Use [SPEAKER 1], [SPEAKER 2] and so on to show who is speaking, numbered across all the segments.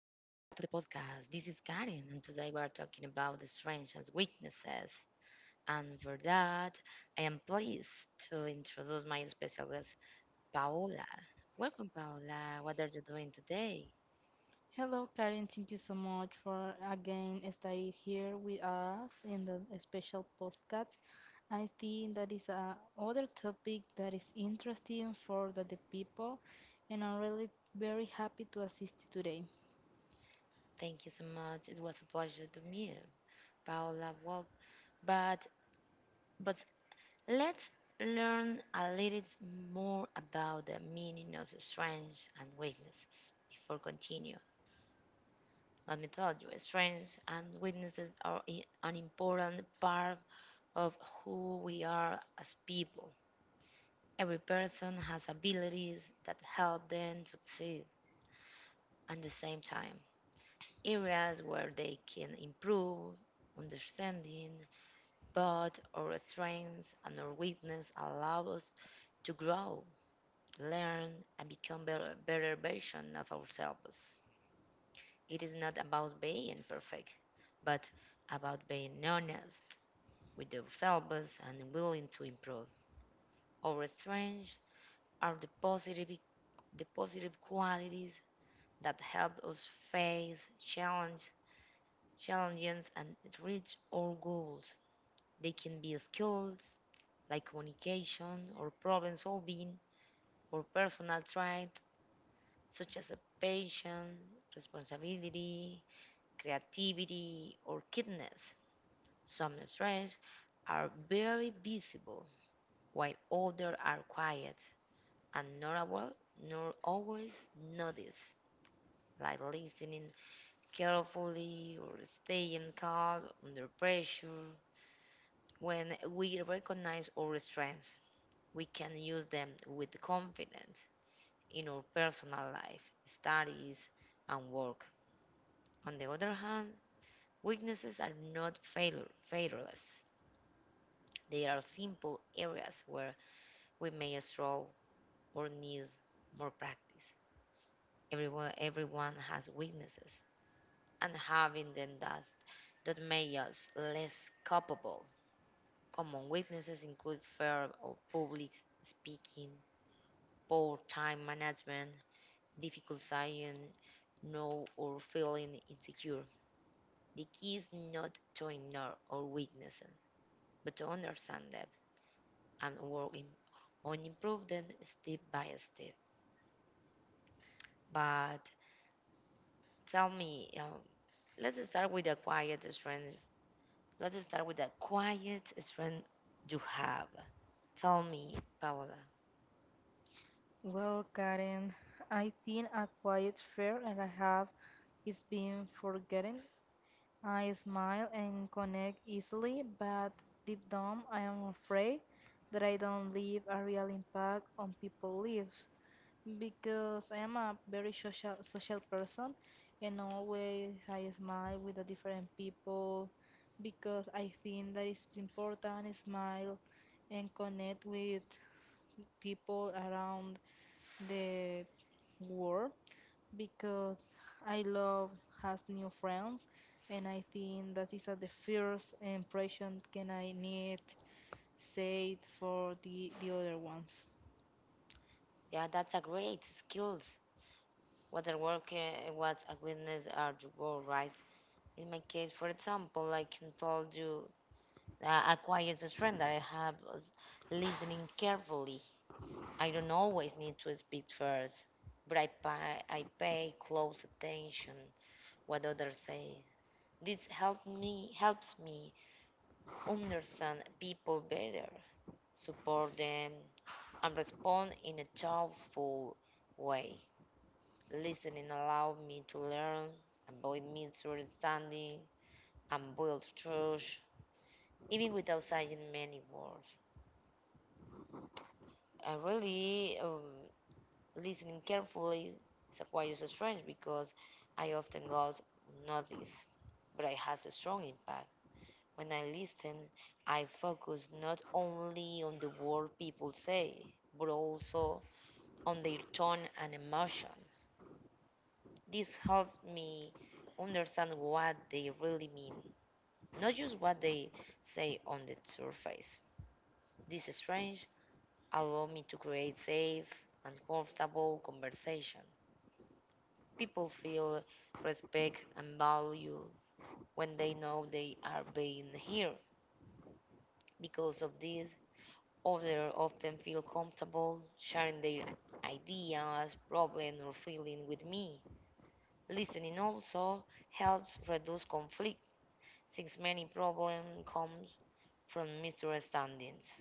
[SPEAKER 1] the podcast. This is Karen, and today we are talking about the strengths and weaknesses. And for that, I am pleased to introduce my special guest, Paola. Welcome, Paola. What are you doing today?
[SPEAKER 2] Hello, Karen. Thank you so much for again staying here with us in the special podcast. I think that is a other topic that is interesting for the people, and I'm really very happy to assist you today.
[SPEAKER 1] Thank you so much. It was a pleasure to meet you, Paola. Well, but but let's learn a little more about the meaning of strengths and weaknesses before continue. Let me tell you, strengths and weaknesses are an important part of who we are as people. Every person has abilities that help them succeed at the same time, areas where they can improve, understanding, but our strengths and our weakness allow us to grow, learn, and become better, better version of ourselves. It is not about being perfect, but about being honest, with ourselves and willing to improve. Our strengths are the positive qualities that help us face challenge, challenges and reach our goals. They can be skills like communication or problem solving or personal traits such as a patience, responsibility, creativity, or kindness. Some strengths are very visible while others are quiet and not aware, nor always notice, like listening carefully or staying calm under pressure. When we recognize our strengths, we can use them with confidence in our personal life, studies, and work. On the other hand, weaknesses are not fatal, fatalless. They are simple areas where we may struggle or need more practice. Everyone has weaknesses, and having the dust that made us less culpable. Common weaknesses include fear of public speaking, poor time management, difficult saying no or feeling insecure. The key is not to ignore our weaknesses, but to understand them and work in, on improve them step by step. But tell me, let's start with a quiet strength. Let's start with a quiet strength you have. Tell me, Paola.
[SPEAKER 2] Well, Karen, I think a quiet fear that I have is being forgotten. I smile and connect easily, but deep down I am afraid that I don't leave a real impact on people's lives because I am a very social person and always I smile with the different people because I think that it's important smile and connect with people around the world because I love has new friends, and I think that is at the first impression can I need said for the other ones.
[SPEAKER 1] Yeah, that's a great skills. What I work what a witness are the world, right? In my case, for example, I can tell you a quiet strength that I have is listening carefully. I don't always need to speak first, but I pay close attention what others say. This help me helps me understand people better, support them, and respond in a thoughtful way. Listening allowed me to learn, avoid misunderstanding, and build trust, even without saying many words. I really listening carefully is a quite strange because I often go notice, but it has a strong impact. When I listen, I focus not only on the word people say, but also on their tone and emotions. This helps me understand what they really mean, not just what they say on the surface. This strange allow me to create safe and comfortable conversation. People feel respect and value when they know they are being here. Because of this, others often feel comfortable sharing their ideas, problems, or feelings with me. Listening also helps reduce conflict since many problems come from misunderstandings.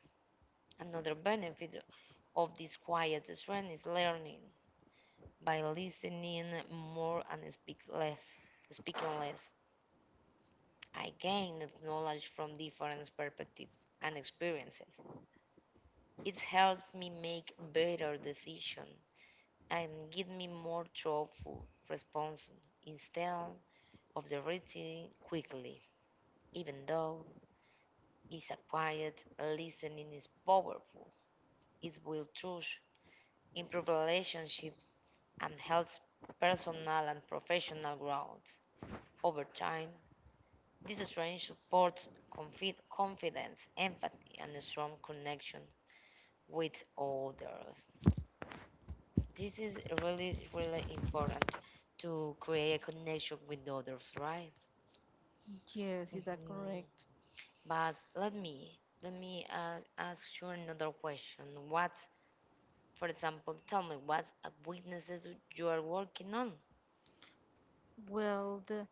[SPEAKER 1] Another benefit of this quiet strength is learning by listening more and speaking less. I gained knowledge from different perspectives and experiences. It's helped me make better decisions and give me more thoughtful responses instead of the reacting quickly. Even though it's a quiet listening is powerful, it will trust improve relationships, and helps personal and professional growth. Over time, this training supports confidence, empathy, and a strong connection with others. This is really, really important to create a connection with others, right?
[SPEAKER 2] Yes, is that
[SPEAKER 1] Mhm.
[SPEAKER 2] correct?
[SPEAKER 1] But let me ask you another question. What, for example, tell me what weaknesses you are working on?
[SPEAKER 2] Well, the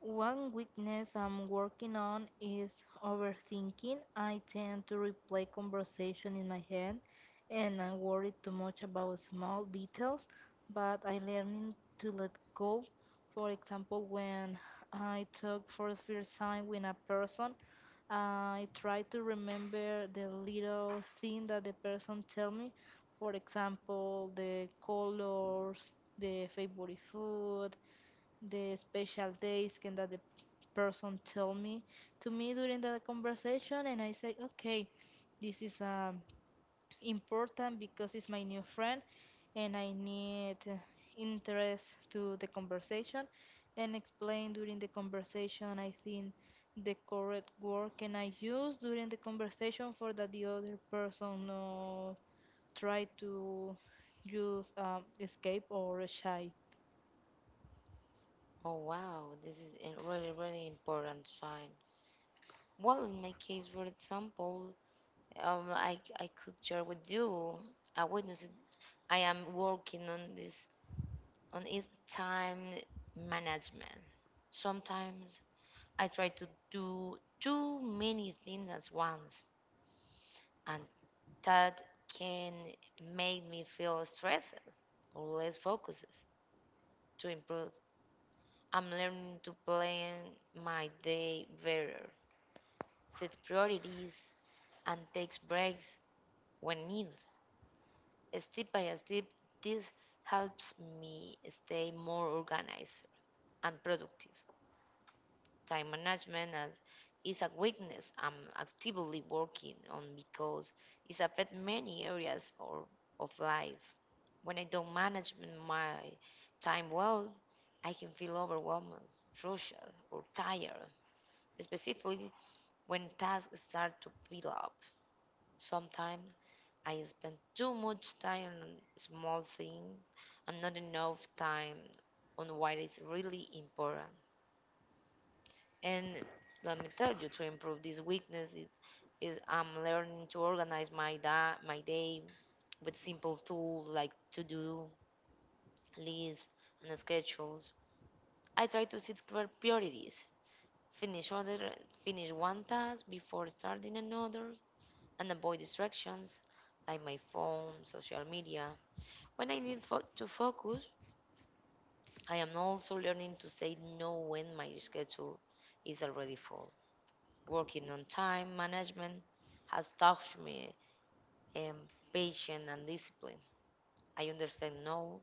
[SPEAKER 2] one weakness I'm working on is overthinking. I tend to replay conversation in my head and I worry too much about small details, but I'm learning to let go. For example, when I talk for the first time with a person, I try to remember the little thing that the person tell me. For example, the colors, the favorite food, the special days can that the person tell me to me during the conversation, and I say okay, this is important because it's my new friend and I need interest to the conversation, and explain during the conversation I think the correct word can I use during the conversation for that the other person no try to use escape or shy.
[SPEAKER 1] Oh wow, this is a really, really important sign. Well, in my case, for example, I could share with you a witness that I am working on is time management. Sometimes I try to do too many things at once, and that can make me feel stressed or less focused to improve. I'm learning to plan my day better, set priorities, and take breaks when needed. Step by step, this helps me stay more organized and productive. Time management as- is a weakness I'm actively working on because it affects many of life. When I don't manage my time well, I can feel overwhelmed, rushed, or tired, especially when tasks start to pile up. Sometimes I spend too much time on small things and not enough time on what is really important. And let me tell you, to improve this weakness is I'm learning to organize my day with simple tools like to-do lists and schedules. I try to set clear priorities, finish other finish one task before starting another, and avoid distractions like my phone, social media. When I need to focus, I am also learning to say no when my schedule is already full. Working on time management has taught me um, patience and discipline. I understand now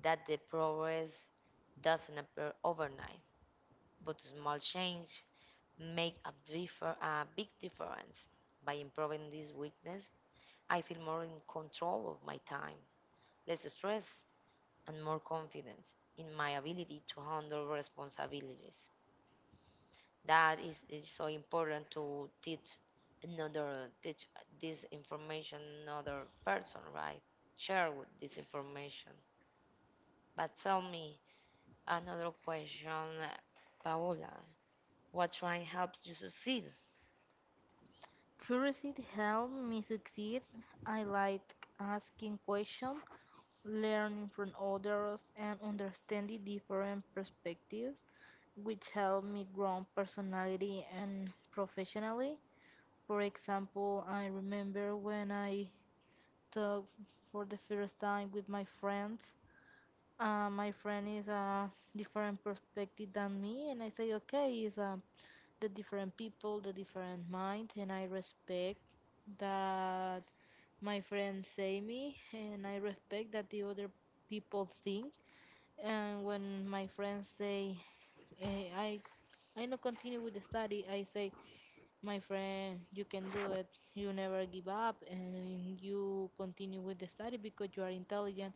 [SPEAKER 1] that the progress doesn't appear overnight, but small change a big difference. By improving this weakness, I feel more in control of my time, less stress, and more confidence in my ability to handle responsibilities. That is so important to teach another teach this information another person, right? Share with this information. But tell me another question, Paola. What try helps you succeed?
[SPEAKER 2] Curiosity helped me succeed. I like asking questions, learning from others, and understanding different perspectives, which helped me grow personally and professionally. For example, I remember when I talked for the first time with my friends. My friend is a different perspective than me, and I say, okay, is the different people, the different mind, and I respect that my friends say me and I respect that the other people think. And when my friends say eh, I I not continue with the study, I say, my friend, you can do it. You never give up and you continue with the study because you are intelligent.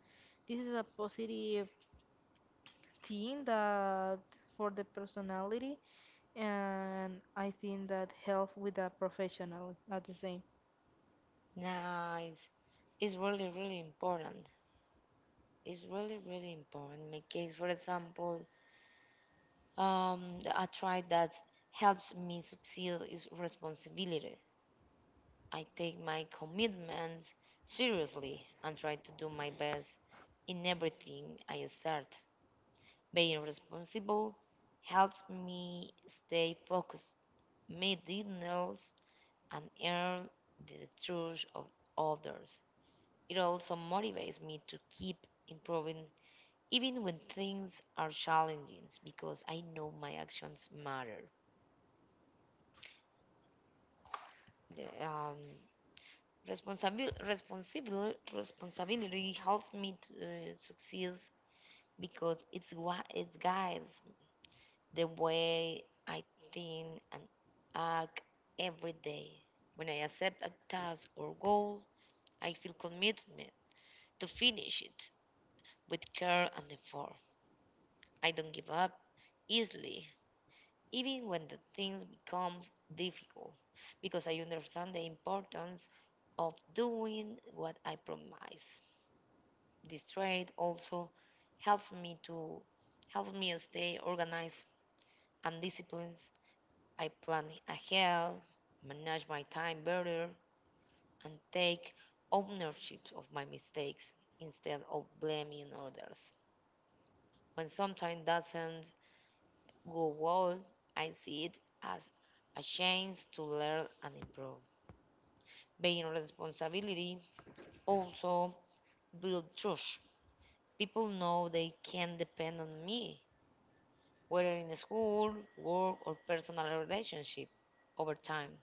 [SPEAKER 2] This is a positive thing that for the personality, and I think that help with the professional at the same.
[SPEAKER 1] Nice. It's really, really important. It's really, really important. My case, for example, um a try that helps me succeed is responsibility. I take my commitments seriously and try to do my best in everything I start. Being responsible helps me stay focused, meet deadlines, and earn the trust of others. It also motivates me to keep improving even when things are challenging because I know my actions matter. The- um, Responsibility helps me to succeed because it's what it guides the way I think and act every day. When I accept a task or goal, I feel commitment to finish it with care and effort. I don't give up easily, even when the things become difficult, because I understand the importance of doing what I promise. This trade also helps me to help me stay organized and disciplined. I plan ahead, manage my time better, and take ownership of my mistakes instead of blaming others. When something doesn't go well, I see it as a chance to learn and improve. Being responsibility also builds trust. People know they can depend on me whether in the school, work, or personal relationship. Over time,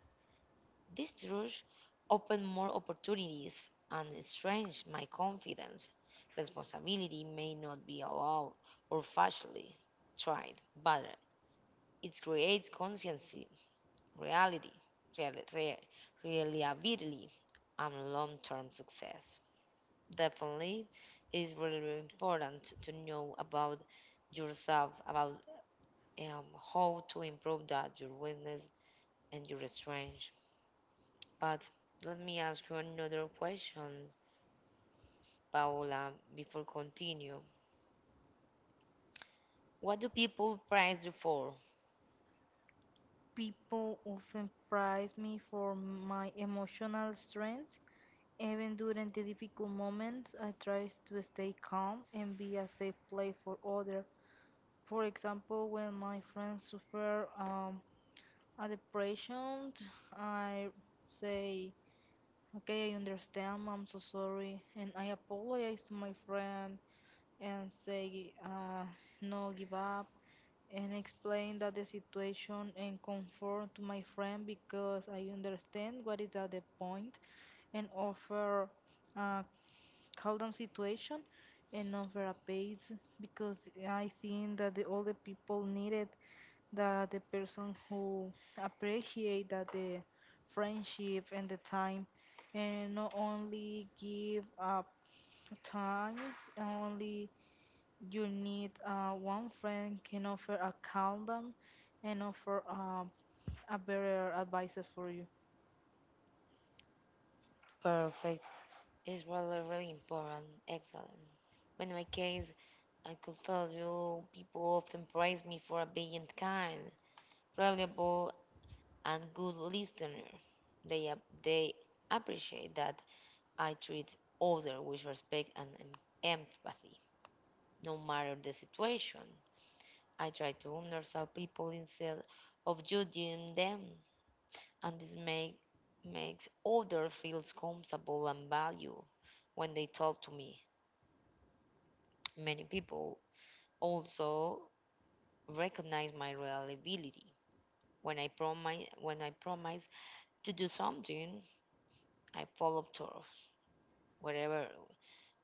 [SPEAKER 1] this rush opened more opportunities and strengthened my confidence. Responsibility may not be allowed or facilely tried, but it creates consciency, reality, real, real, reliability, and long-term success. Definitely, it is really, really important to know about yourself, about um, how to improve that your weakness and your strength. But let me ask you another question, Paola, before continue. What do people praise you for?
[SPEAKER 2] People often praise me for my emotional strength. Even during the difficult moments, I try to stay calm and be a safe place for others. For example, when my friends suffer a depression, I say, okay, I understand, I'm so sorry. And I apologize to my friend and say, no, give up, and explain that the situation and comfort to my friend because I understand what is at the point and offer a calm situation and offer a pace because I think that the older people needed that the person who appreciate that the friendship and the time, and not only give up times only you need one friend can offer a calm down and offer a better advices for you.
[SPEAKER 1] Perfect. It's really, really important. Excellent. In my case, I could tell you people often praise me for being kind, reliable, and good listener. They, they appreciate that I treat others with respect and empathy, no matter the situation. I try to understand people instead of judging them, and makes others feel comfortable and value when they talk to me. Many people also recognize my reliability. When I promise to do something, I follow through. Whatever,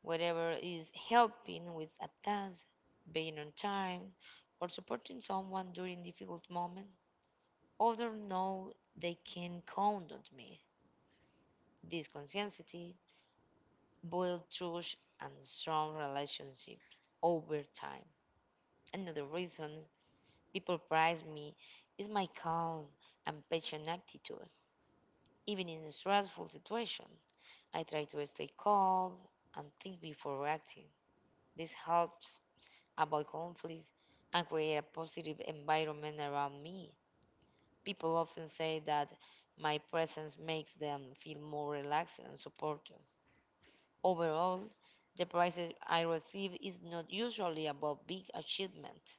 [SPEAKER 1] whatever is helping with a task, being on time, or supporting someone during difficult moment, others know they can count on me. This conscientiously builds trust and strong relationships over time. Another reason people praise me is my calm and patient attitude. Even in a stressful situation, I try to stay calm and think before reacting. This helps avoid conflict and create a positive environment around me. People often say that my presence makes them feel more relaxed and supported. Overall, the prize I receive is not usually about big achievement,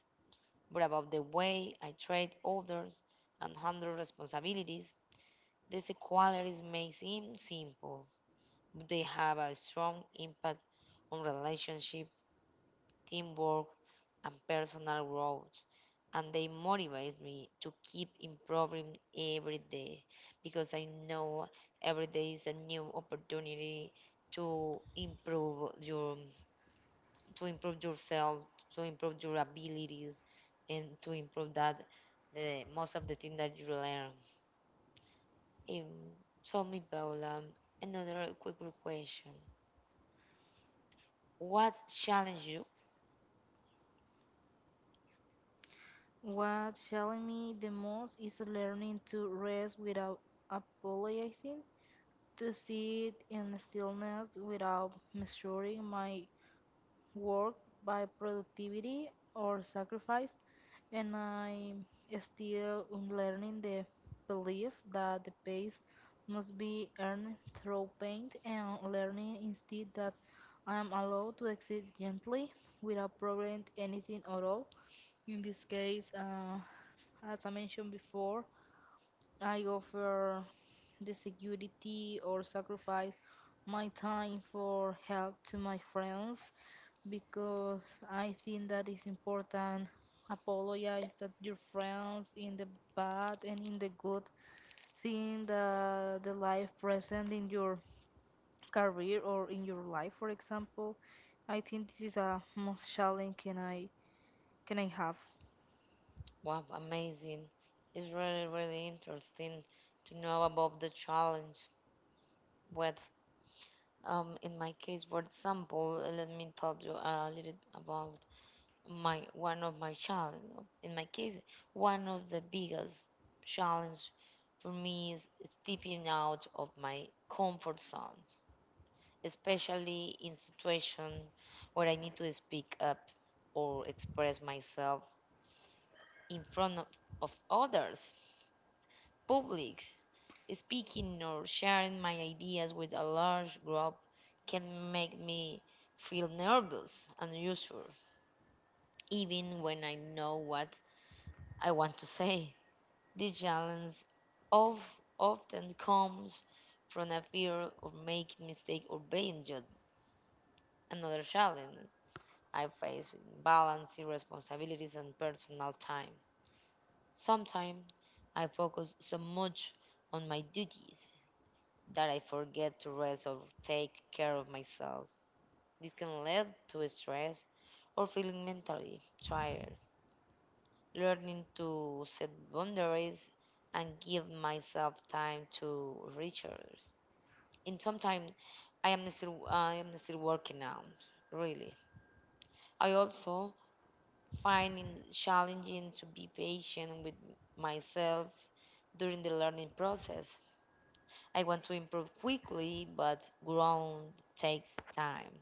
[SPEAKER 1] but about the way I treat others and handle responsibilities. These qualities may seem simple, but they have a strong impact on relationship, teamwork, and personal growth, and they motivate me to keep improving every day because I know every day is a new opportunity to improve your to improve yourself, to improve your abilities and to improve that the most of the thing that you learn. Um, so me Paula, another quick question. What challenge you?
[SPEAKER 2] What challenged me the most is learning to rest without apologizing, to sit in stillness without measuring my work by productivity or sacrifice, and I'm still unlearning the belief that the pace must be earned through pain and learning instead that I am allowed to exist gently without problem anything at all. In this case, as I mentioned before, I offer the security or sacrifice my time for help to my friends because I think that is important. Apologize that your friends in the bad and in the good, seeing the life present in your career or in your life, for example. I think this is a most challenge can I have.
[SPEAKER 1] Wow, amazing. It's really, really interesting to know about the challenge. What? In my case, for example, let me tell you a little about my one of my challenge. In my case, one of the biggest challenge for me is stepping out of my comfort zone, especially in situation where I need to speak up or express myself in front of others, public, Speaking or sharing my ideas with a large group can make me feel nervous and unsure, even when I know what I want to say. This challenge of often comes from a fear of making mistake or being judged. Another challenge I face is balancing responsibilities and personal time. Sometimes I focus so much on my duties that I forget to rest or take care of myself. This can lead to stress or feeling mentally tired. Learning to set boundaries and give myself time to recharge. In some time, I am still working out. Really, I also find it challenging to be patient with myself during the learning process. I want to improve quickly, but growth takes time.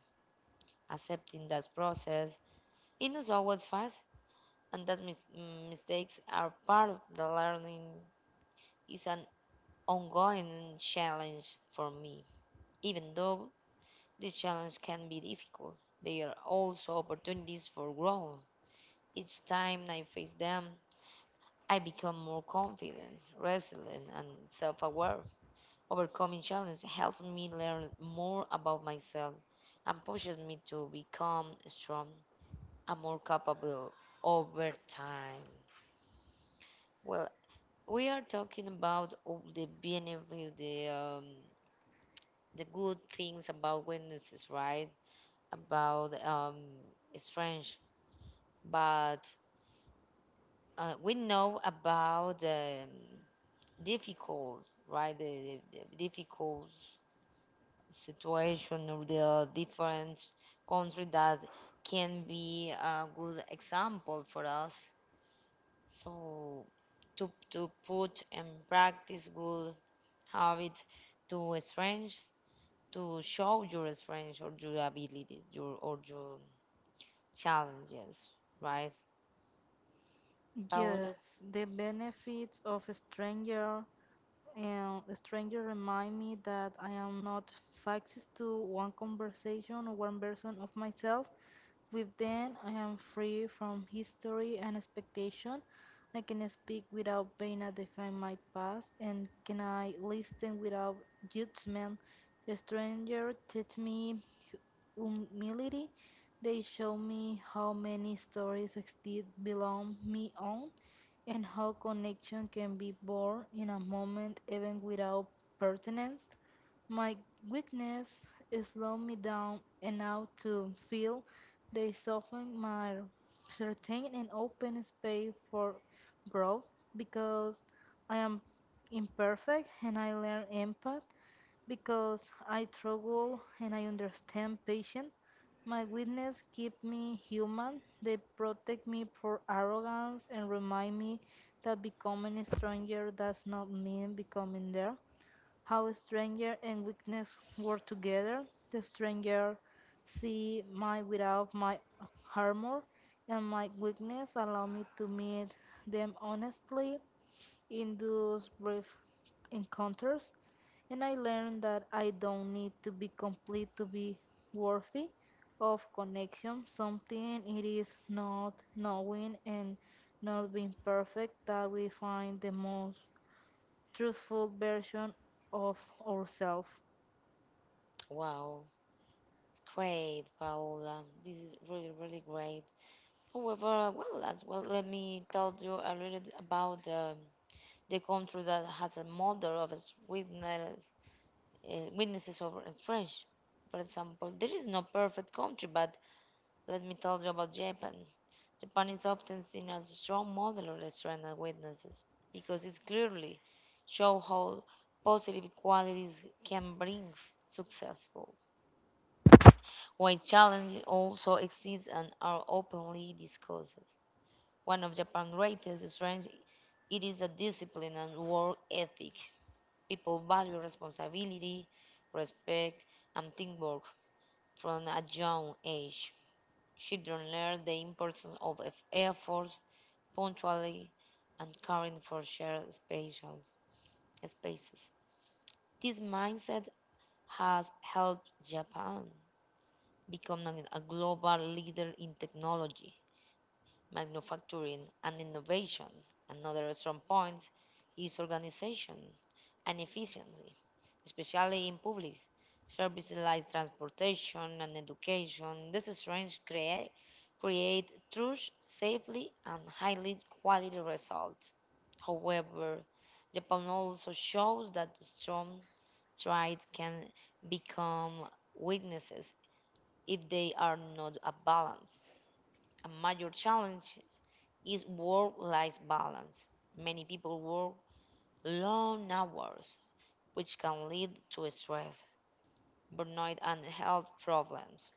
[SPEAKER 1] Accepting that process. It is always fast, and that mistakes are part of the learning. Is an ongoing challenge for me. Even though this challenge can be difficult, they are also opportunities for growth. Each time I face them, I become more confident, resilient, and self-aware. Overcoming challenges helps me learn more about myself and pushes me to become strong. And more capable over time. Well, we are talking about all the benefits, the good things about witnesses, right? About strange, but we know about the difficult, right? The difficult situation of the different country that can be a good example for us. So to put in practice good habits to strength to show your strength or your abilities your or your challenges, right,
[SPEAKER 2] Yes,
[SPEAKER 1] Paola?
[SPEAKER 2] the benefits of a stranger and a stranger remind me that I am not fixed to one conversation or one version of myself. With them, I am free from history and expectation. I can speak without being a define my past, and can I listen without judgment? The stranger teach me humility. They show me how many stories exist beyond me own, and how connection can be born in a moment even without pertinence. My weakness is slow me down enough to feel they soften my certain and open space for growth because I am imperfect and I learn empathy because I struggle and I understand patience. My weakness keep me human. They protect me from arrogance and remind me that becoming stronger does not mean becoming there how stranger and weakness work together. The stranger see my without my armor and my weakness allow me to meet them honestly in those brief encounters, and I learned that I don't need to be complete to be worthy of connection. Something it is not knowing and not being perfect that we find the most truthful version of ourselves.
[SPEAKER 1] Wow, great, Paola. This is really really great. However, well as well, let me tell you a little about the country that has a model of its witness, witnesses of strength. For example, there is no perfect country, but let me tell you about Japan. Japan is often seen as a strong model of restaurant and witnesses because it clearly shows how positive qualities can bring successful, while challenges also exist and are openly discussed. One of Japan's greatest strengths it is a discipline and work ethic. People value responsibility, respect, and teamwork from a young age. Children learn the importance of effort, punctuality, and caring for shared spatial spaces. This mindset has helped Japan become a global leader in technology, manufacturing, and innovation. Another strong point is organization and efficiency, especially in public services like transportation and education. These strengths create true, safely, and highly quality results. However, Japan also shows that strong traits can become weaknesses if they are not balanced. A major challenge is work life balance. Many people work long hours, which can lead to stress, burnout, and health problems.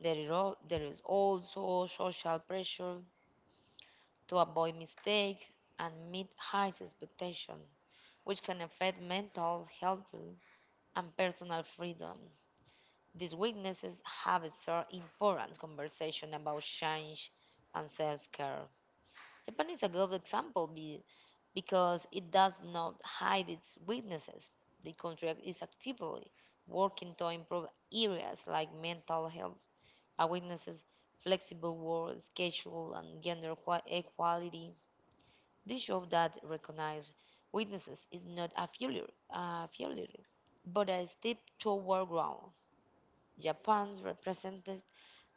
[SPEAKER 1] There is also social pressure to avoid mistakes and meet high expectations, which can affect mental health and personal freedom. These weaknesses have a sort important conversation about change and self care. Japan is a good example because it does not hide its weaknesses. The country is actively working to improve areas like mental health awarenesses, flexible work schedule, and gender equality. This show that recognize weaknesses is not a failure, but a step toward growth. Japan represents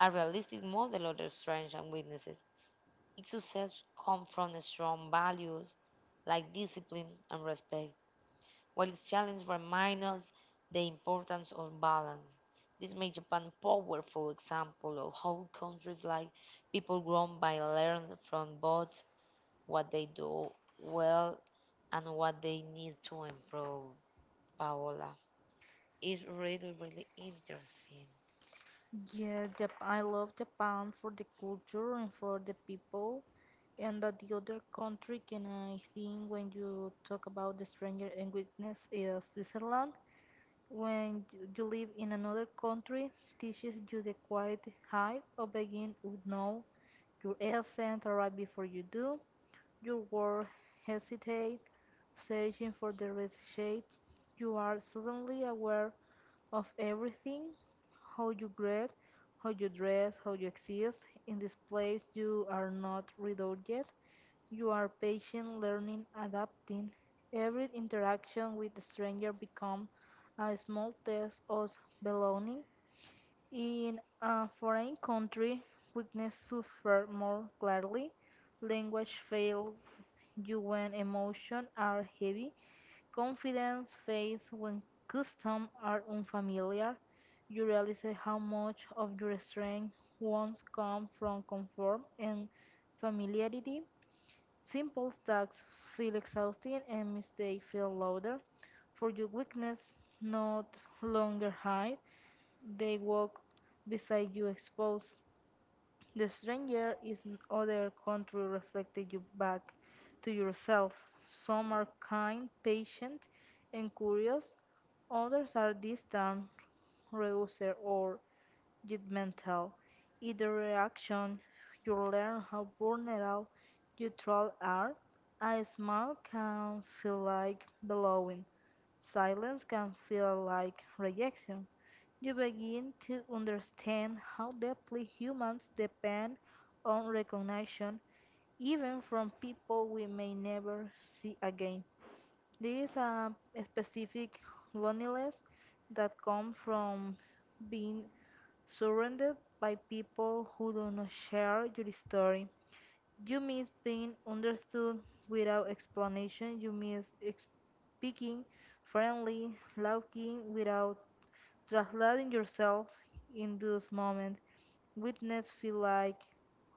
[SPEAKER 1] a realistic model of the strengths and weaknesses. Its success comes from strong values like discipline and respect, while its challenges remind us the importance of balance. This makes Japan a powerful example of how countries like people grown by learn from both what they do well and what they need to improve. Paola, it's really, really interesting.
[SPEAKER 2] Yeah, Jap I love Japan for the culture and for the people, and that the other country can I think when you talk about the stranger and witness is Switzerland. When you live in another country, teaches you the quiet height of begin would know your accent arrive before you do. Your word hesitate, searching for the rest shape. You are suddenly aware of everything, how you grade, how you dress, how you exist. In this place, you are not without yet. You are patient, learning, adapting. Every interaction with the stranger becomes a small test of belonging. In a foreign country, weakness suffer more clearly. Language fail you when emotions are heavy. Confidence fades when customs are unfamiliar. You realize how much of your strength once come from comfort and familiarity. Simple tasks feel exhausting and mistakes feel louder. For your weakness, not longer hide. They walk beside you exposed. The stranger is other country reflected you back to yourself. Some are kind, patient, and curious. Others are distant, reckless, or judgmental. Either reaction, you learn how vulnerable you truly are. A smile can feel like belonging. Silence can feel like rejection. You begin to understand how deeply humans depend on recognition, even from people we may never see again. There is a specific loneliness that comes from being surrounded by people who do not share your story. You miss being understood without explanation. You miss speaking friendly, laughing without translating yourself. In those moments, witness feel like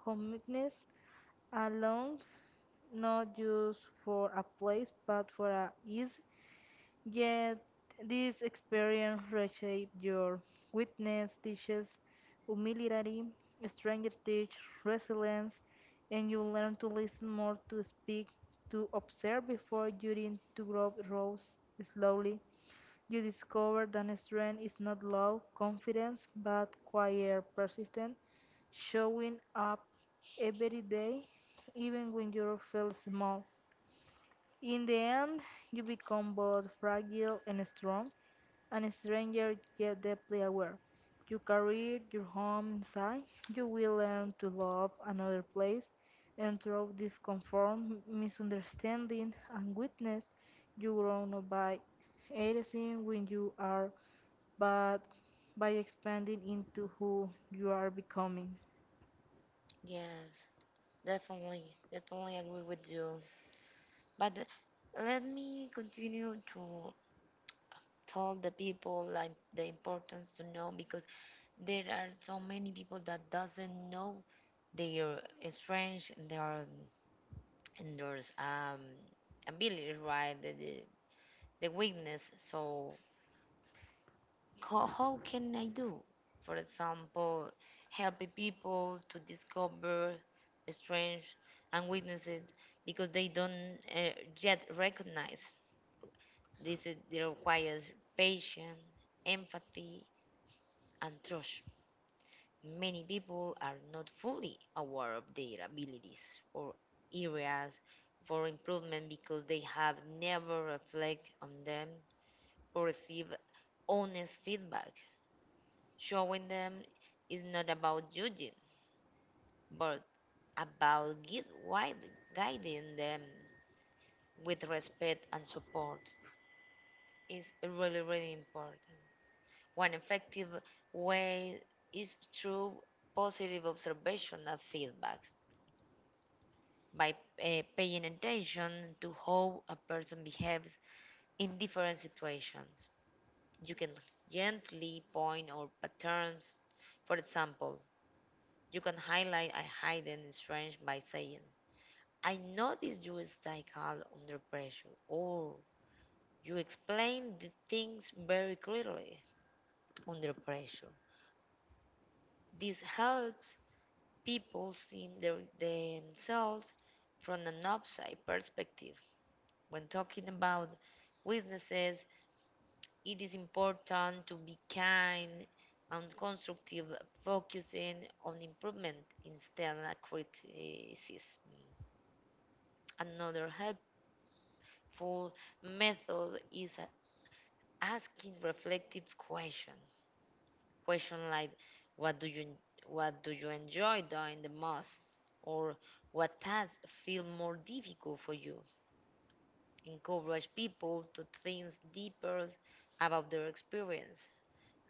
[SPEAKER 2] hominess and not just for a place but for a ease. Yet this experience reshapes your witness, teaches humility, stranger teach resilience, and you learn to listen more to speak, to observe before you begin to grow rose slowly. You discover that strength is not low confidence, but quiet persistence, showing up every day, even when you feel small. In the end, you become both fragile and strong, and a stranger yet deeply aware. You carry your home inside, you will learn to love another place, and through disconform, misunderstanding, and weakness, you grow not by erasing when you are, but by expanding into who you are becoming.
[SPEAKER 1] Yes, definitely, definitely agree with you. But th- Let me continue to tell the people like the importance to know because there are so many people that doesn't know their strengths and their and their um, abilities, right? The weakness. So how can I do, for example, helping people to discover strengths and weaknesses because they don't yet recognize this it requires patience, empathy, and trust. Many people are not fully aware of their abilities or areas for improvement because they have never reflected on them or received honest feedback. Showing them is not about judging, but about guiding them with respect and support. It's really, really important. One effective way is through positive observation and feedback. By paying attention to how a person behaves in different situations, you can gently point out patterns. For example, you can highlight a hidden strength by saying, I noticed you stay calm under pressure, or you explain the things very clearly under pressure. This helps people see themselves from an outside perspective. When talking about weaknesses, it is important to be kind and constructive, focusing on improvement instead of criticism. Another helpful method is asking reflective questions. Questions like, what do you what do you enjoy doing the most? Or what tasks feel more difficult for you? Encourage people to think deeper about their experience.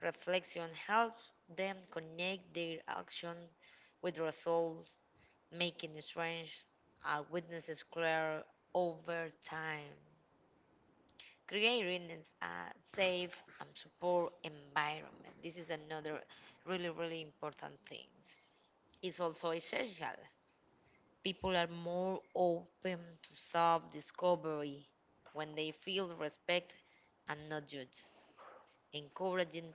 [SPEAKER 1] Reflection helps them connect their action with results, making strange witnesses clear over time, creating a safe and support environment. This is another really, really important thing. It's also essential. People are more open to self discovery when they feel respect and not judged. Encouraging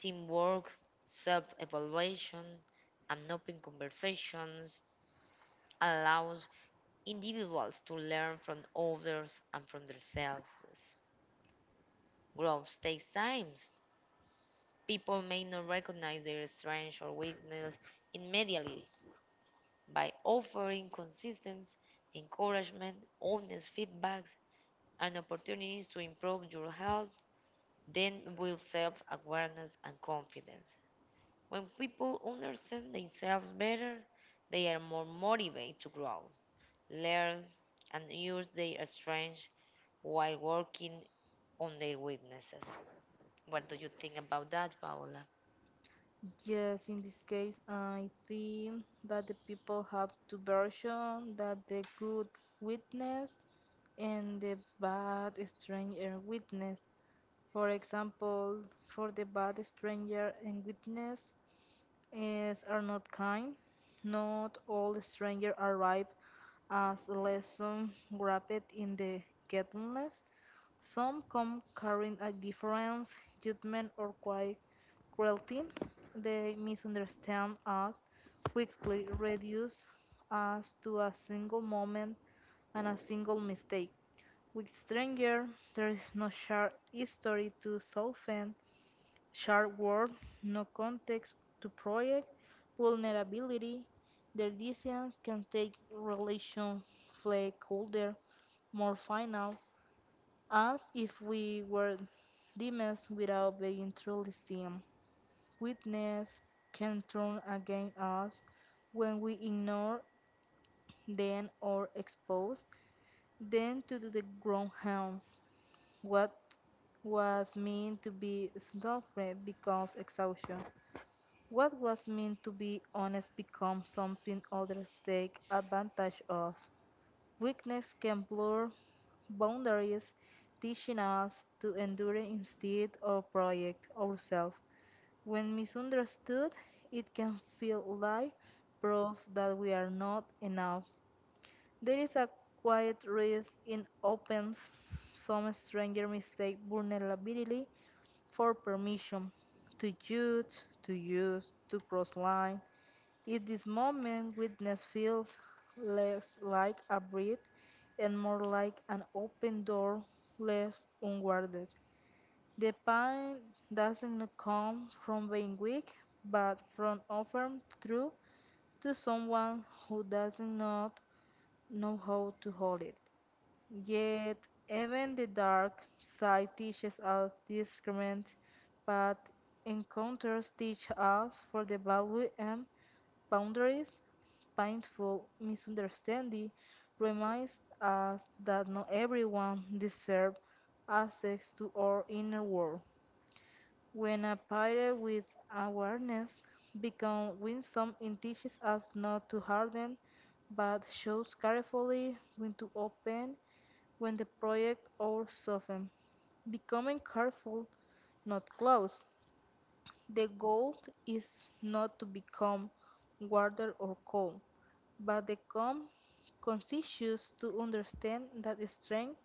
[SPEAKER 1] teamwork, self evaluation, and open conversations allows individuals to learn from others and from themselves. Growth takes time. People may not recognize their strengths or weakness immediately. By offering consistent encouragement, honest feedbacks, and opportunities to improve your health, then build self awareness and confidence. When people understand themselves better, they are more motivated to grow, learn, and use their strengths while working on their weaknesses. What do you think about that, Paola?
[SPEAKER 2] Yes, in this case, I think that the people have two versions, that the good witness and the bad stranger witness. For example, for the bad stranger and witness is are not kind. Not all strangers arrive as lesson wrapped in the ghettonless. Some come carrying a difference, judgment, or quite cruelty. They misunderstand us, quickly reduce us to a single moment and a single mistake. With stranger, there is no shared history to soften, shared word, no context to project, vulnerability. Their distance can take relation flake colder, more final, as if we were demons without being truly seen. Weakness can turn against us when we ignore them or expose them to the grown hounds. What was meant to be suffering becomes exhaustion. What was meant to be honest becomes something others take advantage of. Weakness can blur boundaries, teaching us to endure instead of project ourselves. When misunderstood, it can feel like proof that we are not enough. There is a quiet risk in opens. Some stranger mistake vulnerability for permission to judge, to use, to cross line. In this moment, witness feels less like a breath and more like an open door left unguarded. The pain doesn't come from being weak, but from offering truth to someone who does not know how to hold it. Yet, even the dark side teaches us discernment, but encounters teach us for the value and boundaries. Painful misunderstanding reminds us that not everyone deserves access to our inner world. When applied with awareness, become winsome and teaches us not to harden, but shows carefully when to open, when the project or soften. Becoming careful, not close. The goal is not to become water or cold, but the calm conscious to understand that strength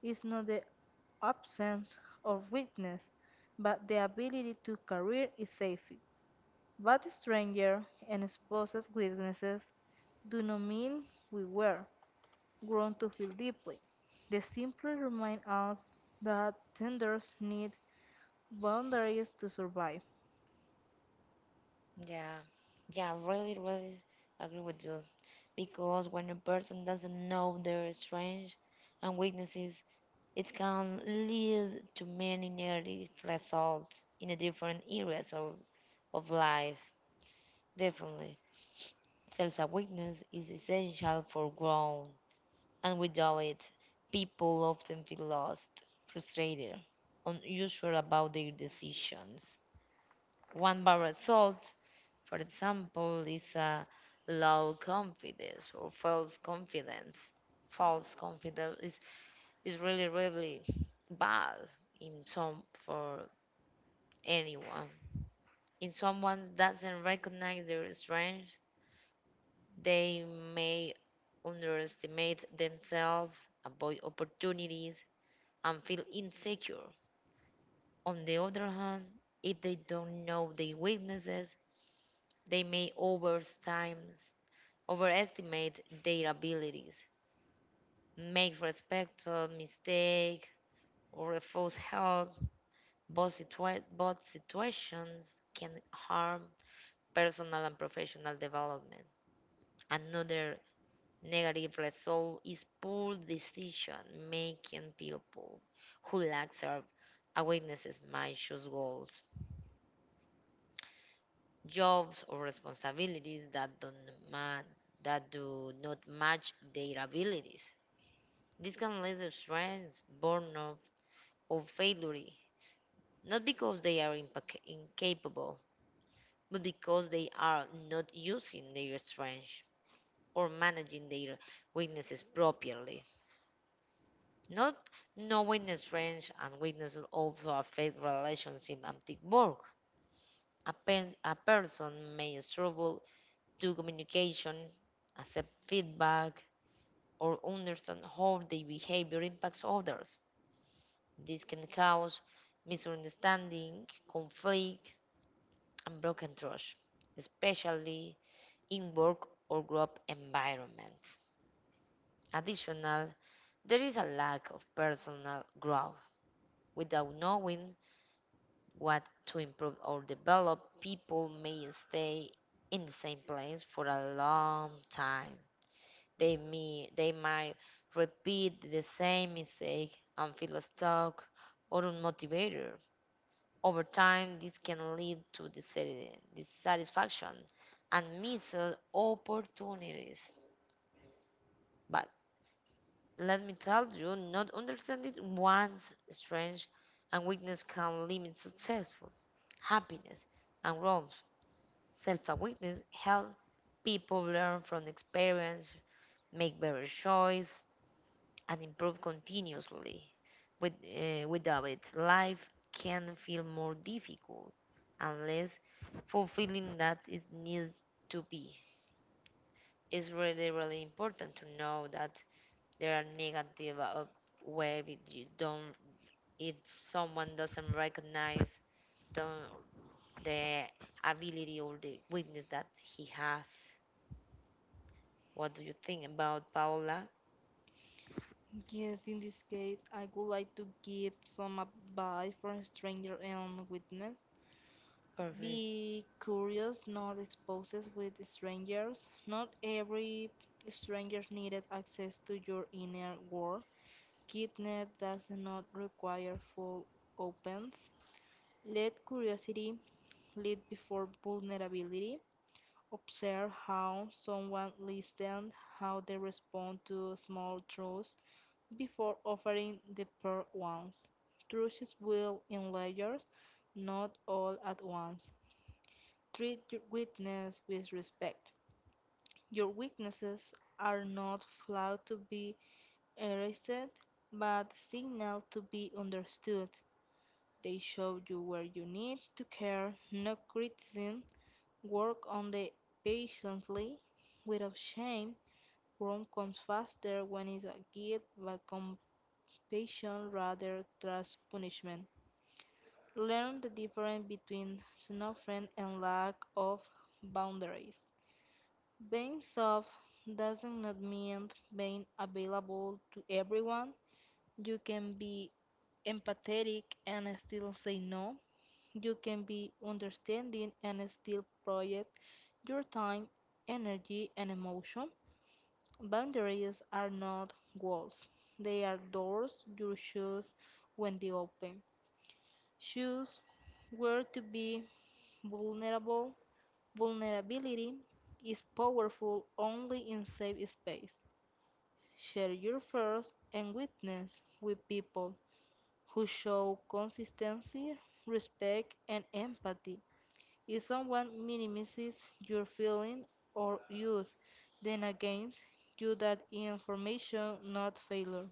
[SPEAKER 2] is not the absence of weakness, but the ability to carry it safely. But stranger and exposed witnesses do not mean we were grown to feel deeply. They simply remind us that tenders need boundaries to survive.
[SPEAKER 1] Yeah, yeah, really, really agree with you. Because when a person doesn't know their strengths and weaknesses, it can lead to many negative results in the different areas of life. Definitely. Self awareness is essential for growth, and without it, people often feel lost, frustrated, unsure about their decisions. One bad result, for example, is a low confidence or false confidence. False confidence is, is really, really bad in some for anyone. In someone doesn't recognize their strength, they may underestimate themselves, avoid opportunities, and feel insecure. On the other hand, if they don't know their weaknesses, they may overestimate their abilities, make respectful mistakes, or refuse help. Both situations can harm personal and professional development. Another negative result is poor decision making. People who lack self awarenesses might choose goals, jobs, or responsibilities that don't ma- that do not match their abilities. This can lead to stress, burnout, or failure, not because they are incapable, but because they are not using their strengths or managing their weaknesses properly. Not knowing strength and weakness also affect relationship and teamwork. A person may struggle to communication, accept feedback, or understand how their behavior impacts others. This can cause misunderstanding, conflict, and broken trust, especially in work or group environments. Additionally, there is a lack of personal growth. Without knowing what to improve or develop, people may stay in the same place for a long time. They might repeat the same mistake and feel stuck or unmotivated. Over time, this can lead to dissatisfaction and missed opportunities. But let me tell you, not understanding one's strength and weakness can limit success, happiness, and growth. Self awareness helps people learn from experience, make better choice, and improve continuously. Without it, life can feel more difficult unless fulfilling that it needs to be. It's really, really important to know that there are negative way if you don't, if someone doesn't recognize the, the ability or the weakness that he has. What do you think about, Paola?
[SPEAKER 2] Yes, in this case, I would like to give some advice for a stranger and witness.
[SPEAKER 1] Perfect.
[SPEAKER 2] Be curious, not exposes with strangers. Not every stranger needed access to your inner world. Kitnet does not require full opens. Let curiosity lead before vulnerability. Observe how someone listens, how they respond to small truths before offering the pearl ones. Truths will in layers, not all at once. Treat your witness with respect. Your weaknesses are not flawed to be erased, but signal to be understood. They show you where you need to care, no criticism, work on the patiently, without shame. Growth comes faster when it's a guilt but compassion rather than punishment. Learn the difference between snuffing and lack of boundaries. Being soft doesn't not mean being available to everyone. You can be empathetic and still say no. You can be understanding and still project your time, energy, and emotion. Boundaries are not walls, they are doors you choose when they open. Choose where to be vulnerable. Vulnerability is powerful only in safe space. Share your fears and weakness with people who show consistency, respect, and empathy. If someone minimizes your feeling or use then against you that information not failure.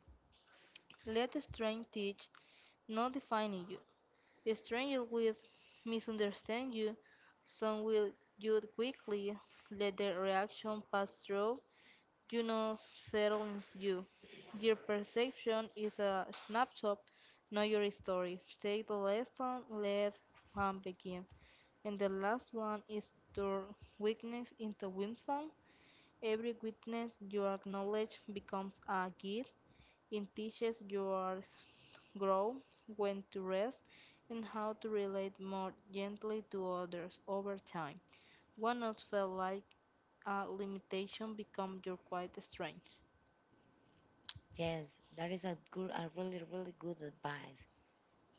[SPEAKER 2] Let strength teach, not define you. Strangers will misunderstand you, some will judge quickly, let their reaction pass through, you know settles you. Your perception is a snapshot, not your story. Take the lesson, let one begin. And the last one is turn weakness into wisdom. Every weakness you acknowledge becomes a gift. It teaches your grow, when to rest, and how to relate more gently to others over time. What else felt like a limitation becomes your quite strength.
[SPEAKER 1] Yes, that is a good, a really, really good advice.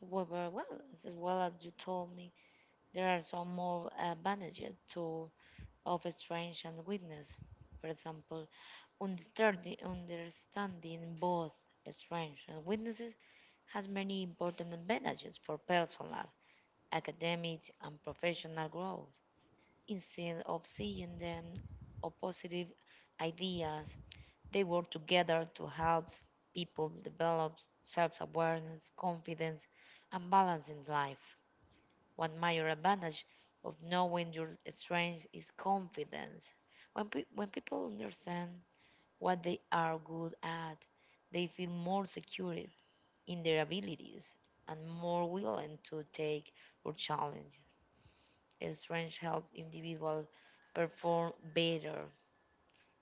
[SPEAKER 1] However, well as you told me, there are some more advantages to of strength and weakness. For example, understanding both strengths and weaknesses has many important advantages for personal, academic, and professional growth. Instead of seeing them as positive ideas, they work together to help people develop self awareness, confidence, and balance in life. One major advantage of knowing your strengths is confidence. When people understand what they are good at, they feel more secure in their abilities and more willing to take or challenge. Strength helps individuals perform better,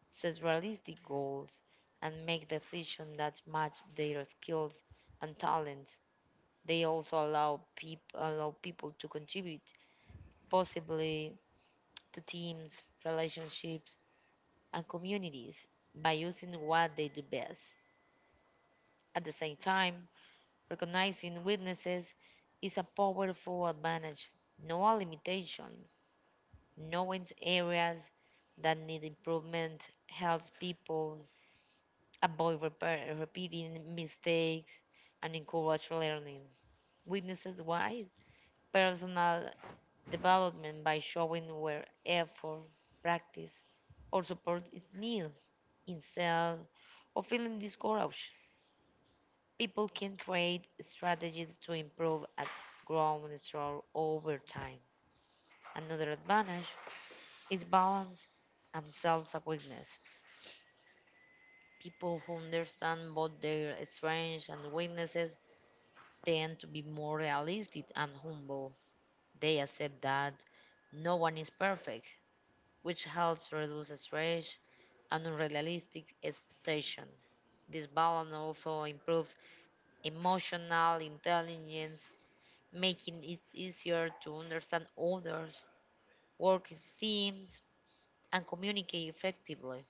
[SPEAKER 1] set realistic goals, and make decisions that match their skills and talents. They also allow people to contribute, possibly to teams, relationships, and communities by using what they do best. At the same time, recognizing weaknesses is a powerful advantage. No limitations, knowing areas that need improvement helps people avoid repeating mistakes, and encourage learning. Witnesses why? Personal development by showing where effort, practice, or support is needed instead of feeling discouraged. People can create strategies to improve at grown store over time. Another advantage is balance and self-awareness. People who understand both their strengths and weaknesses tend to be more realistic and humble. They accept that no one is perfect, which helps reduce stress and unrealistic expectation. This balance also improves emotional intelligence, making it easier to understand others, work in teams, and communicate effectively.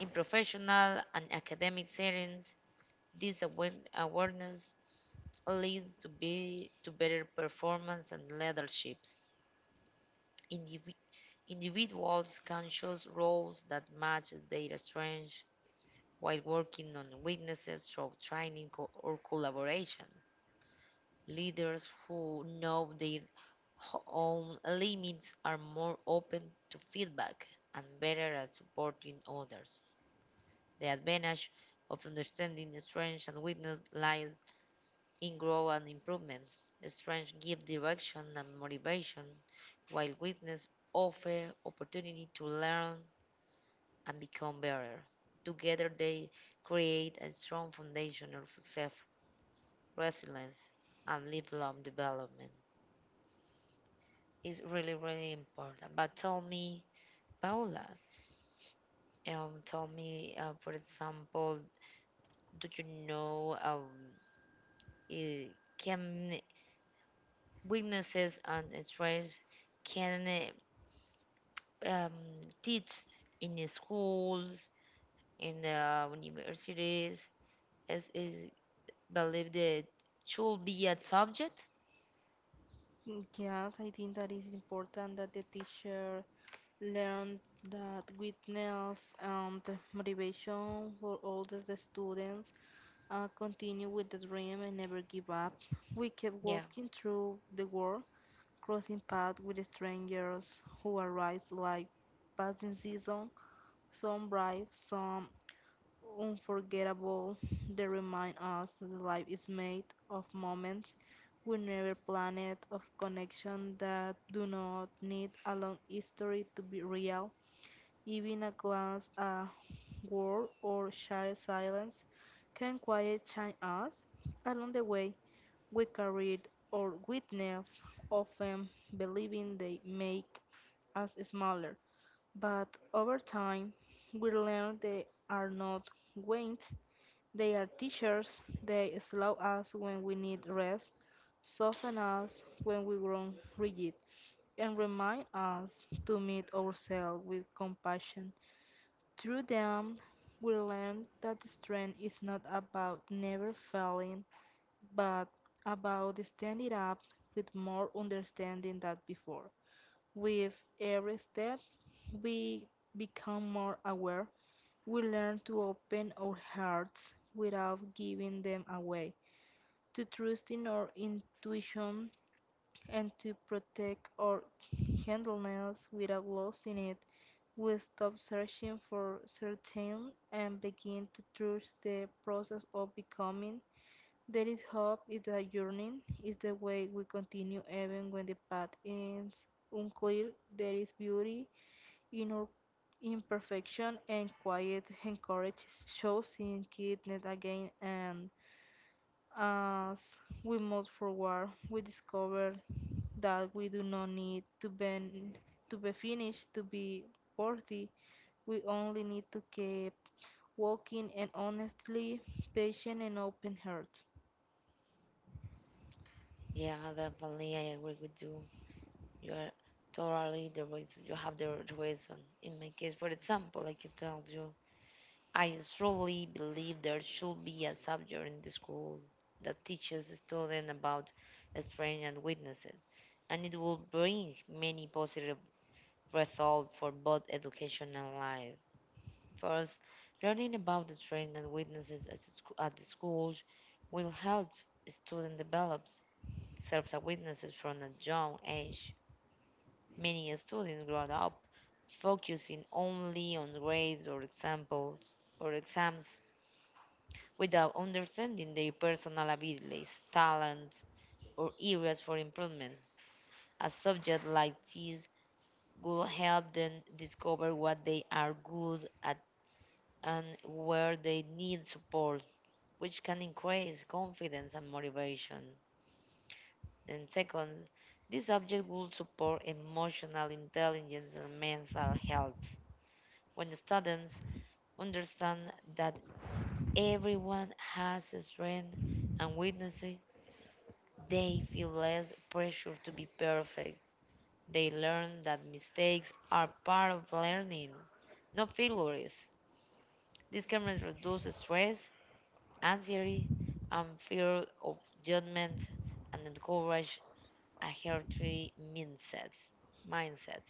[SPEAKER 1] In professional and academic settings, this awareness leads to better performance and leaderships. Indivi- individuals can choose roles that match their strengths while working on weaknesses through training or collaborations. Leaders who know their own limits are more open to feedback and better at supporting others. The advantage of understanding the strengths and weakness lies in growth and improvement. The strengths give direction and motivation, while weakness offer opportunity to learn and become better. Together, they create a strong foundation of success, resilience, and lifelong development. It's really, really important. But tell me, Paula, tell me, for example, do you know i- can weaknesses and strengths can um, teach in the schools, in the universities? Is believe that should be a subject.
[SPEAKER 2] Yes, I think that is important that the teacher learn that weakness and motivation for all the students continue with the dream and never give up. We kept
[SPEAKER 1] Yeah,
[SPEAKER 2] walking through the world, crossing paths with strangers who arrive like passing season, some bright, some unforgettable. They remind us that life is made of moments we never planned, of connections that do not need a long history to be real. Even a glance, a word, or shy silence can quiet change us. Along the way, we carried or witness, often believing they make us smaller. But over time, we learn they are not weights, they are teachers. They slow us when we need rest, soften us when we grow rigid, and remind us to meet ourselves with compassion. Through them, we learn that strength is not about never failing, but about standing up with more understanding than before. With every step, we become more aware. We learn to open our hearts without giving them away, to trust in our intuition, and to protect our gentleness without losing it. We stop searching for certain and begin to trust the process of becoming. There is hope, is a yearning, is the way we continue even when the path is unclear. There is beauty in our imperfection and quiet encourages shows in kindness again. And as we move forward we discover that we do not need to be finished to be worthy. We only need to keep walking and honestly patient and open heart.
[SPEAKER 1] yeah, definitely. I agree with you. You are totally the reason. You have the right reason. In my case, for example, I can tell you, I strongly believe there should be a subject in the school that teaches students about strength and weaknesses, and it will bring many positive results for both education and life. First, learning about the strength and weaknesses at the schools will help students develop self awareness is from a young age. Many students grow up focusing only on grades or examples or exams without understanding their personal abilities, talents, or areas for improvement. A subject like this will help them discover what they are good at and where they need support, which can increase confidence and motivation. And second, this subject will support emotional intelligence and mental health. When students understand that everyone has a strength and weaknesses, they feel less pressure to be perfect. They learn that mistakes are part of learning, not failures. This can reduce stress, anxiety, and fear of judgment and encourage a healthy mindset.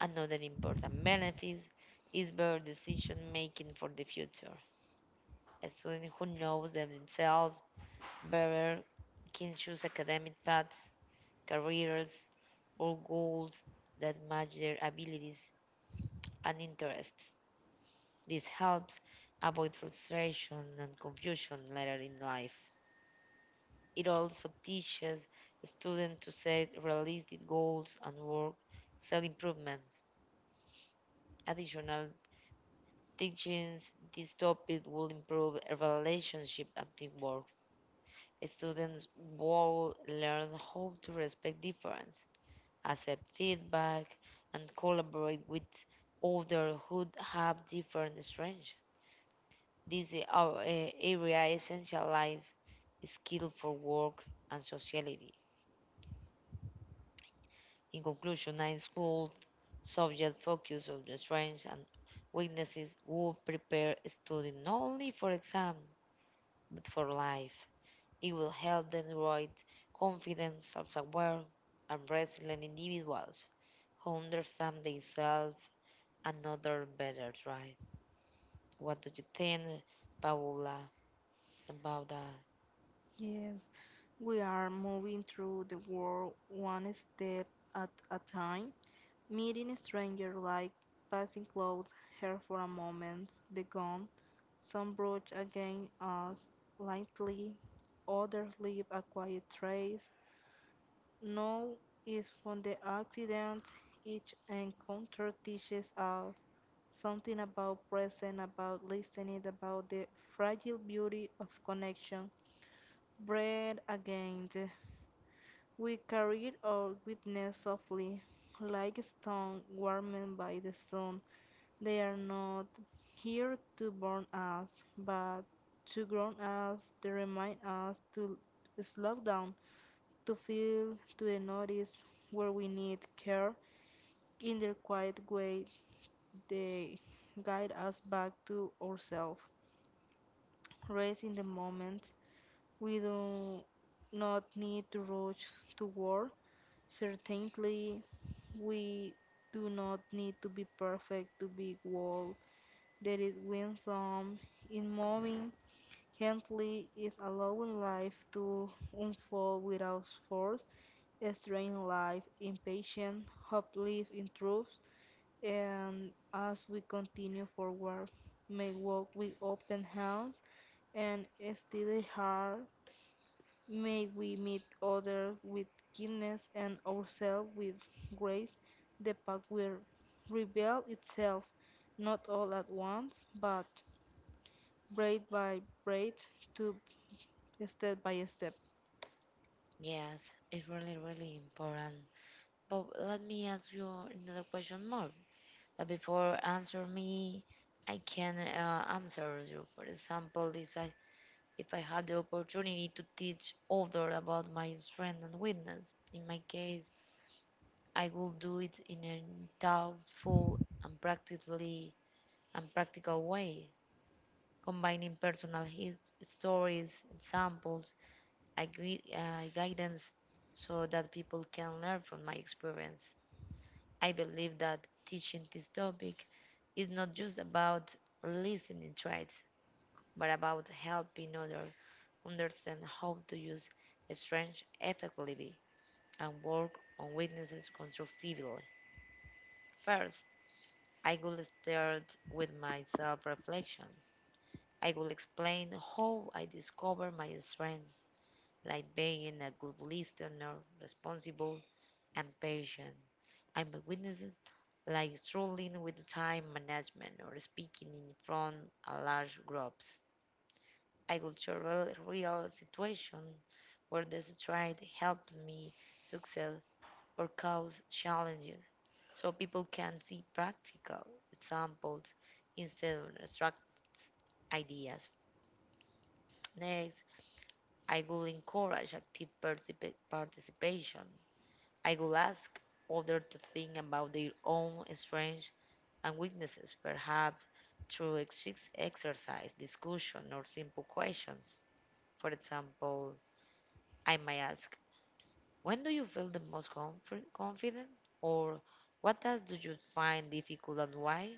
[SPEAKER 1] Another important benefit is better decision making for the future. A student who knows themselves better can choose academic paths, careers, or goals that match their abilities and interests. This helps avoid frustration and confusion later in life. It also teaches students to set realistic goals and work self improvement. Additional teaching this topic will improve a relationship at the work. Students will learn how to respect difference, accept feedback, and collaborate with others who have different strengths. This is our, eh, area essential life skill for work and sociality. In conclusion, high school subject focus on the strengths and weaknesses will prepare students not only for exam but for life. It will help them grow confident, self aware and resilient individuals who understand themselves and others better, right? What do you think, Paula, about that?
[SPEAKER 2] Yes, we are moving through the world one step at a time, meeting a stranger like passing close her for a moment, the gun, some brush against us lightly, others leave a quiet trace. Now is from the accident each encounter teaches us something about present, about listening, about the fragile beauty of connection. Bread again. We carried our witness softly, like a stone warmed by the sun. They are not here to burn us, but to ground us, they remind us to slow down to feel, to the notice where we need care. In their quiet way, they guide us back to ourselves. Race in the moment, we do not need to rush to war. Certainly, we do not need to be perfect to be whole. There is wisdom in moving gently, is allowing life to unfold without force. Strained life, impatient, hope lives in improves, and as we continue forward, may walk with open hands and a steady heart, may we meet others with kindness and ourselves with grace. The path will reveal itself, not all at once, but braid by braid, to step by step.
[SPEAKER 1] Yes, it's really, really important. But let me ask you another question more. But before answer me, I can answer you. For example, if I had the opportunity to teach others about my strength and weakness, in my case, I will do it in a thoughtful and practical way, combining personal stories, examples, and guidance so that people can learn from my experience. I believe that teaching this topic is not just about listening traits, but about helping others understand how to use strength effectively and work on weaknesses constructively. First, I will start with my self reflections. I will explain how I discover my strengths, like being a good listener, responsible, and patient. I my witnesses, like struggling with time management or speaking in front of large groups. I will share real situation where this tried helped me succeed or cause challenges. So people can see practical examples instead of abstract ideas. Next, I will encourage active participation. I will ask others to think about their own strengths and weaknesses, perhaps through exercise, discussion, or simple questions. For example, I might ask, when do you feel the most confident? Or what tasks do you find difficult and why?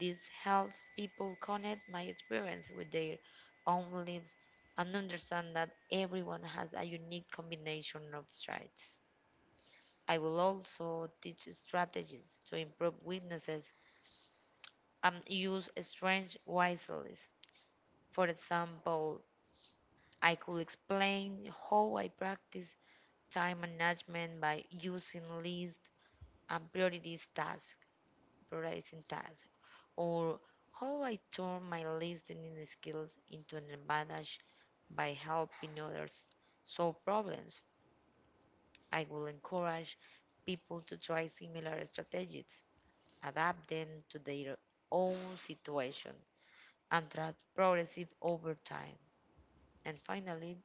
[SPEAKER 1] This helps people connect my experience with their own lives and understand that everyone has a unique combination of traits. I will also teach strategies to improve weaknesses and use strange wisely. For example, I could explain how I practice time management by using lists and prioritizing tasks, or how I turn my listening skills into an advantage by helping others solve problems. I will encourage people to try similar strategies, adapt them to their own situation, and track progressive over time. And finally,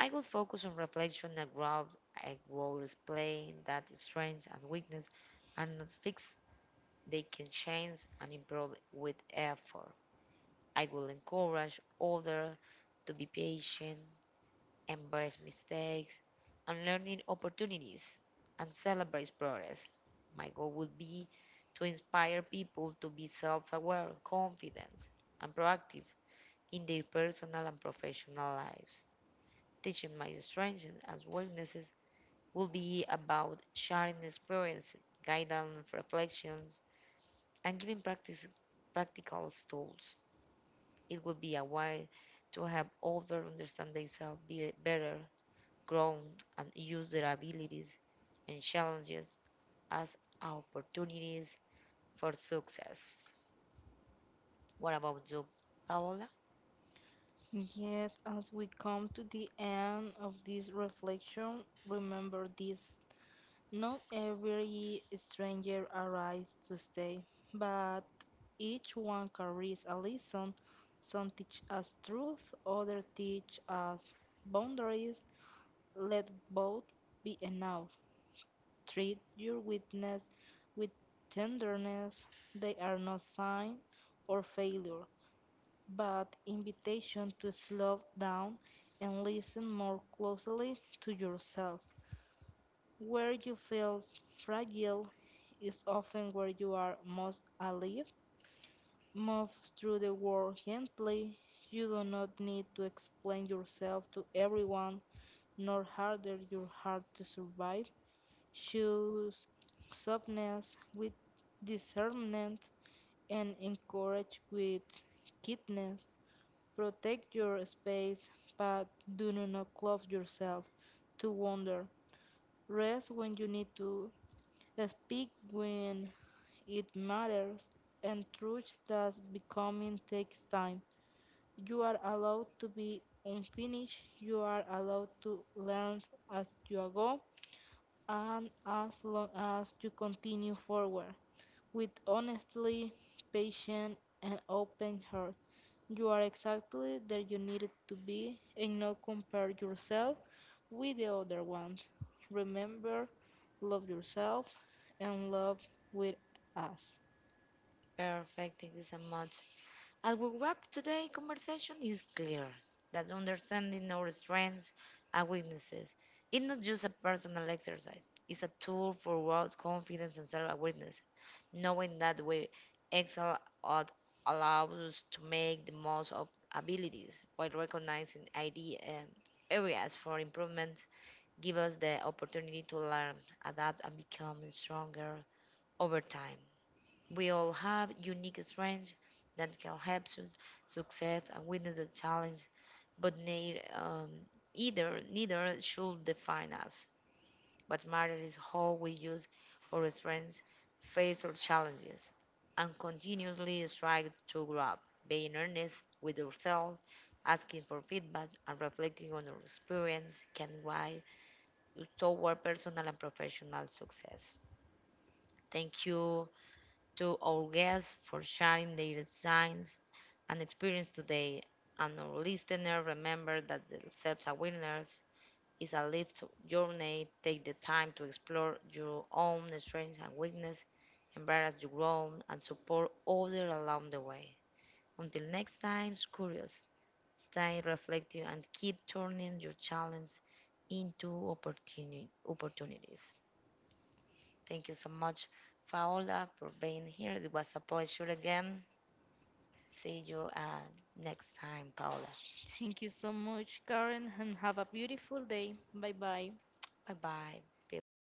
[SPEAKER 1] I will focus on reflection and growth. I will explain that strengths and weakness are not fixed. They can change and improve with effort. I will encourage others to be patient embrace mistakes, and learning opportunities, and celebrate progress. My goal would be to inspire people to be self aware, confident, and proactive in their personal and professional lives. Teaching my strengths as weaknesses will be about sharing experiences, guidance, reflections, and giving practical tools. It will be a way to help others understand themselves better grown and use their abilities and challenges as opportunities for success. What about you, Paola?
[SPEAKER 2] Yet, as we come to the end of this reflection, remember this. Not every stranger arrives to stay, but each one carries a lesson. Some teach us truth, others teach us boundaries. Let both be enough. Treat your witness with tenderness. They are no sign or failure but invitation to slow down and listen more closely to yourself. Where you feel fragile is often where you are most alive. Move through the world gently. You do not need to explain yourself to everyone, nor harder your heart to survive. Choose softness with discernment and encourage with kindness. Protect your space, but do not close yourself to wonder. Rest when you need to, speak when it matters, and trust that becoming takes time. You are allowed to be unfinished, you are allowed to learn as you go, and as long as you continue forward with honestly, patience, and open heart. You are exactly there you needed to be and not compare yourself with the other ones. Remember, love yourself and love with us.
[SPEAKER 1] Perfect, thank you so much. As we wrap today's conversation is clear that understanding our strengths and weaknesses is not just a personal exercise. It's a tool for world confidence and self-awareness. Knowing that we excel at allows us to make the most of abilities while recognizing ID areas for improvement give us the opportunity to learn, adapt, and become stronger over time. We all have unique strengths that can help us succeed and witness the challenge, but neither should define us. What matters is how we use our strengths, face our challenges, and continuously strive to grow up, being earnest with ourselves, asking for feedback, and reflecting on our experience can guide us toward personal and professional success. Thank you to our guests for sharing their insights and experience today. And our listeners, remember that self awareness is a lived journey. Take the time to explore your own strengths and weaknesses, embrace your growth, and support others along the way. Until next time, curious, stay reflective, and keep turning your challenges into opportunities. Thank you so much, Paola, for being here. It was a pleasure again. See you next time, Paola.
[SPEAKER 2] Thank you so much, Karen, and have a beautiful day. Bye bye.
[SPEAKER 1] Bye bye, people.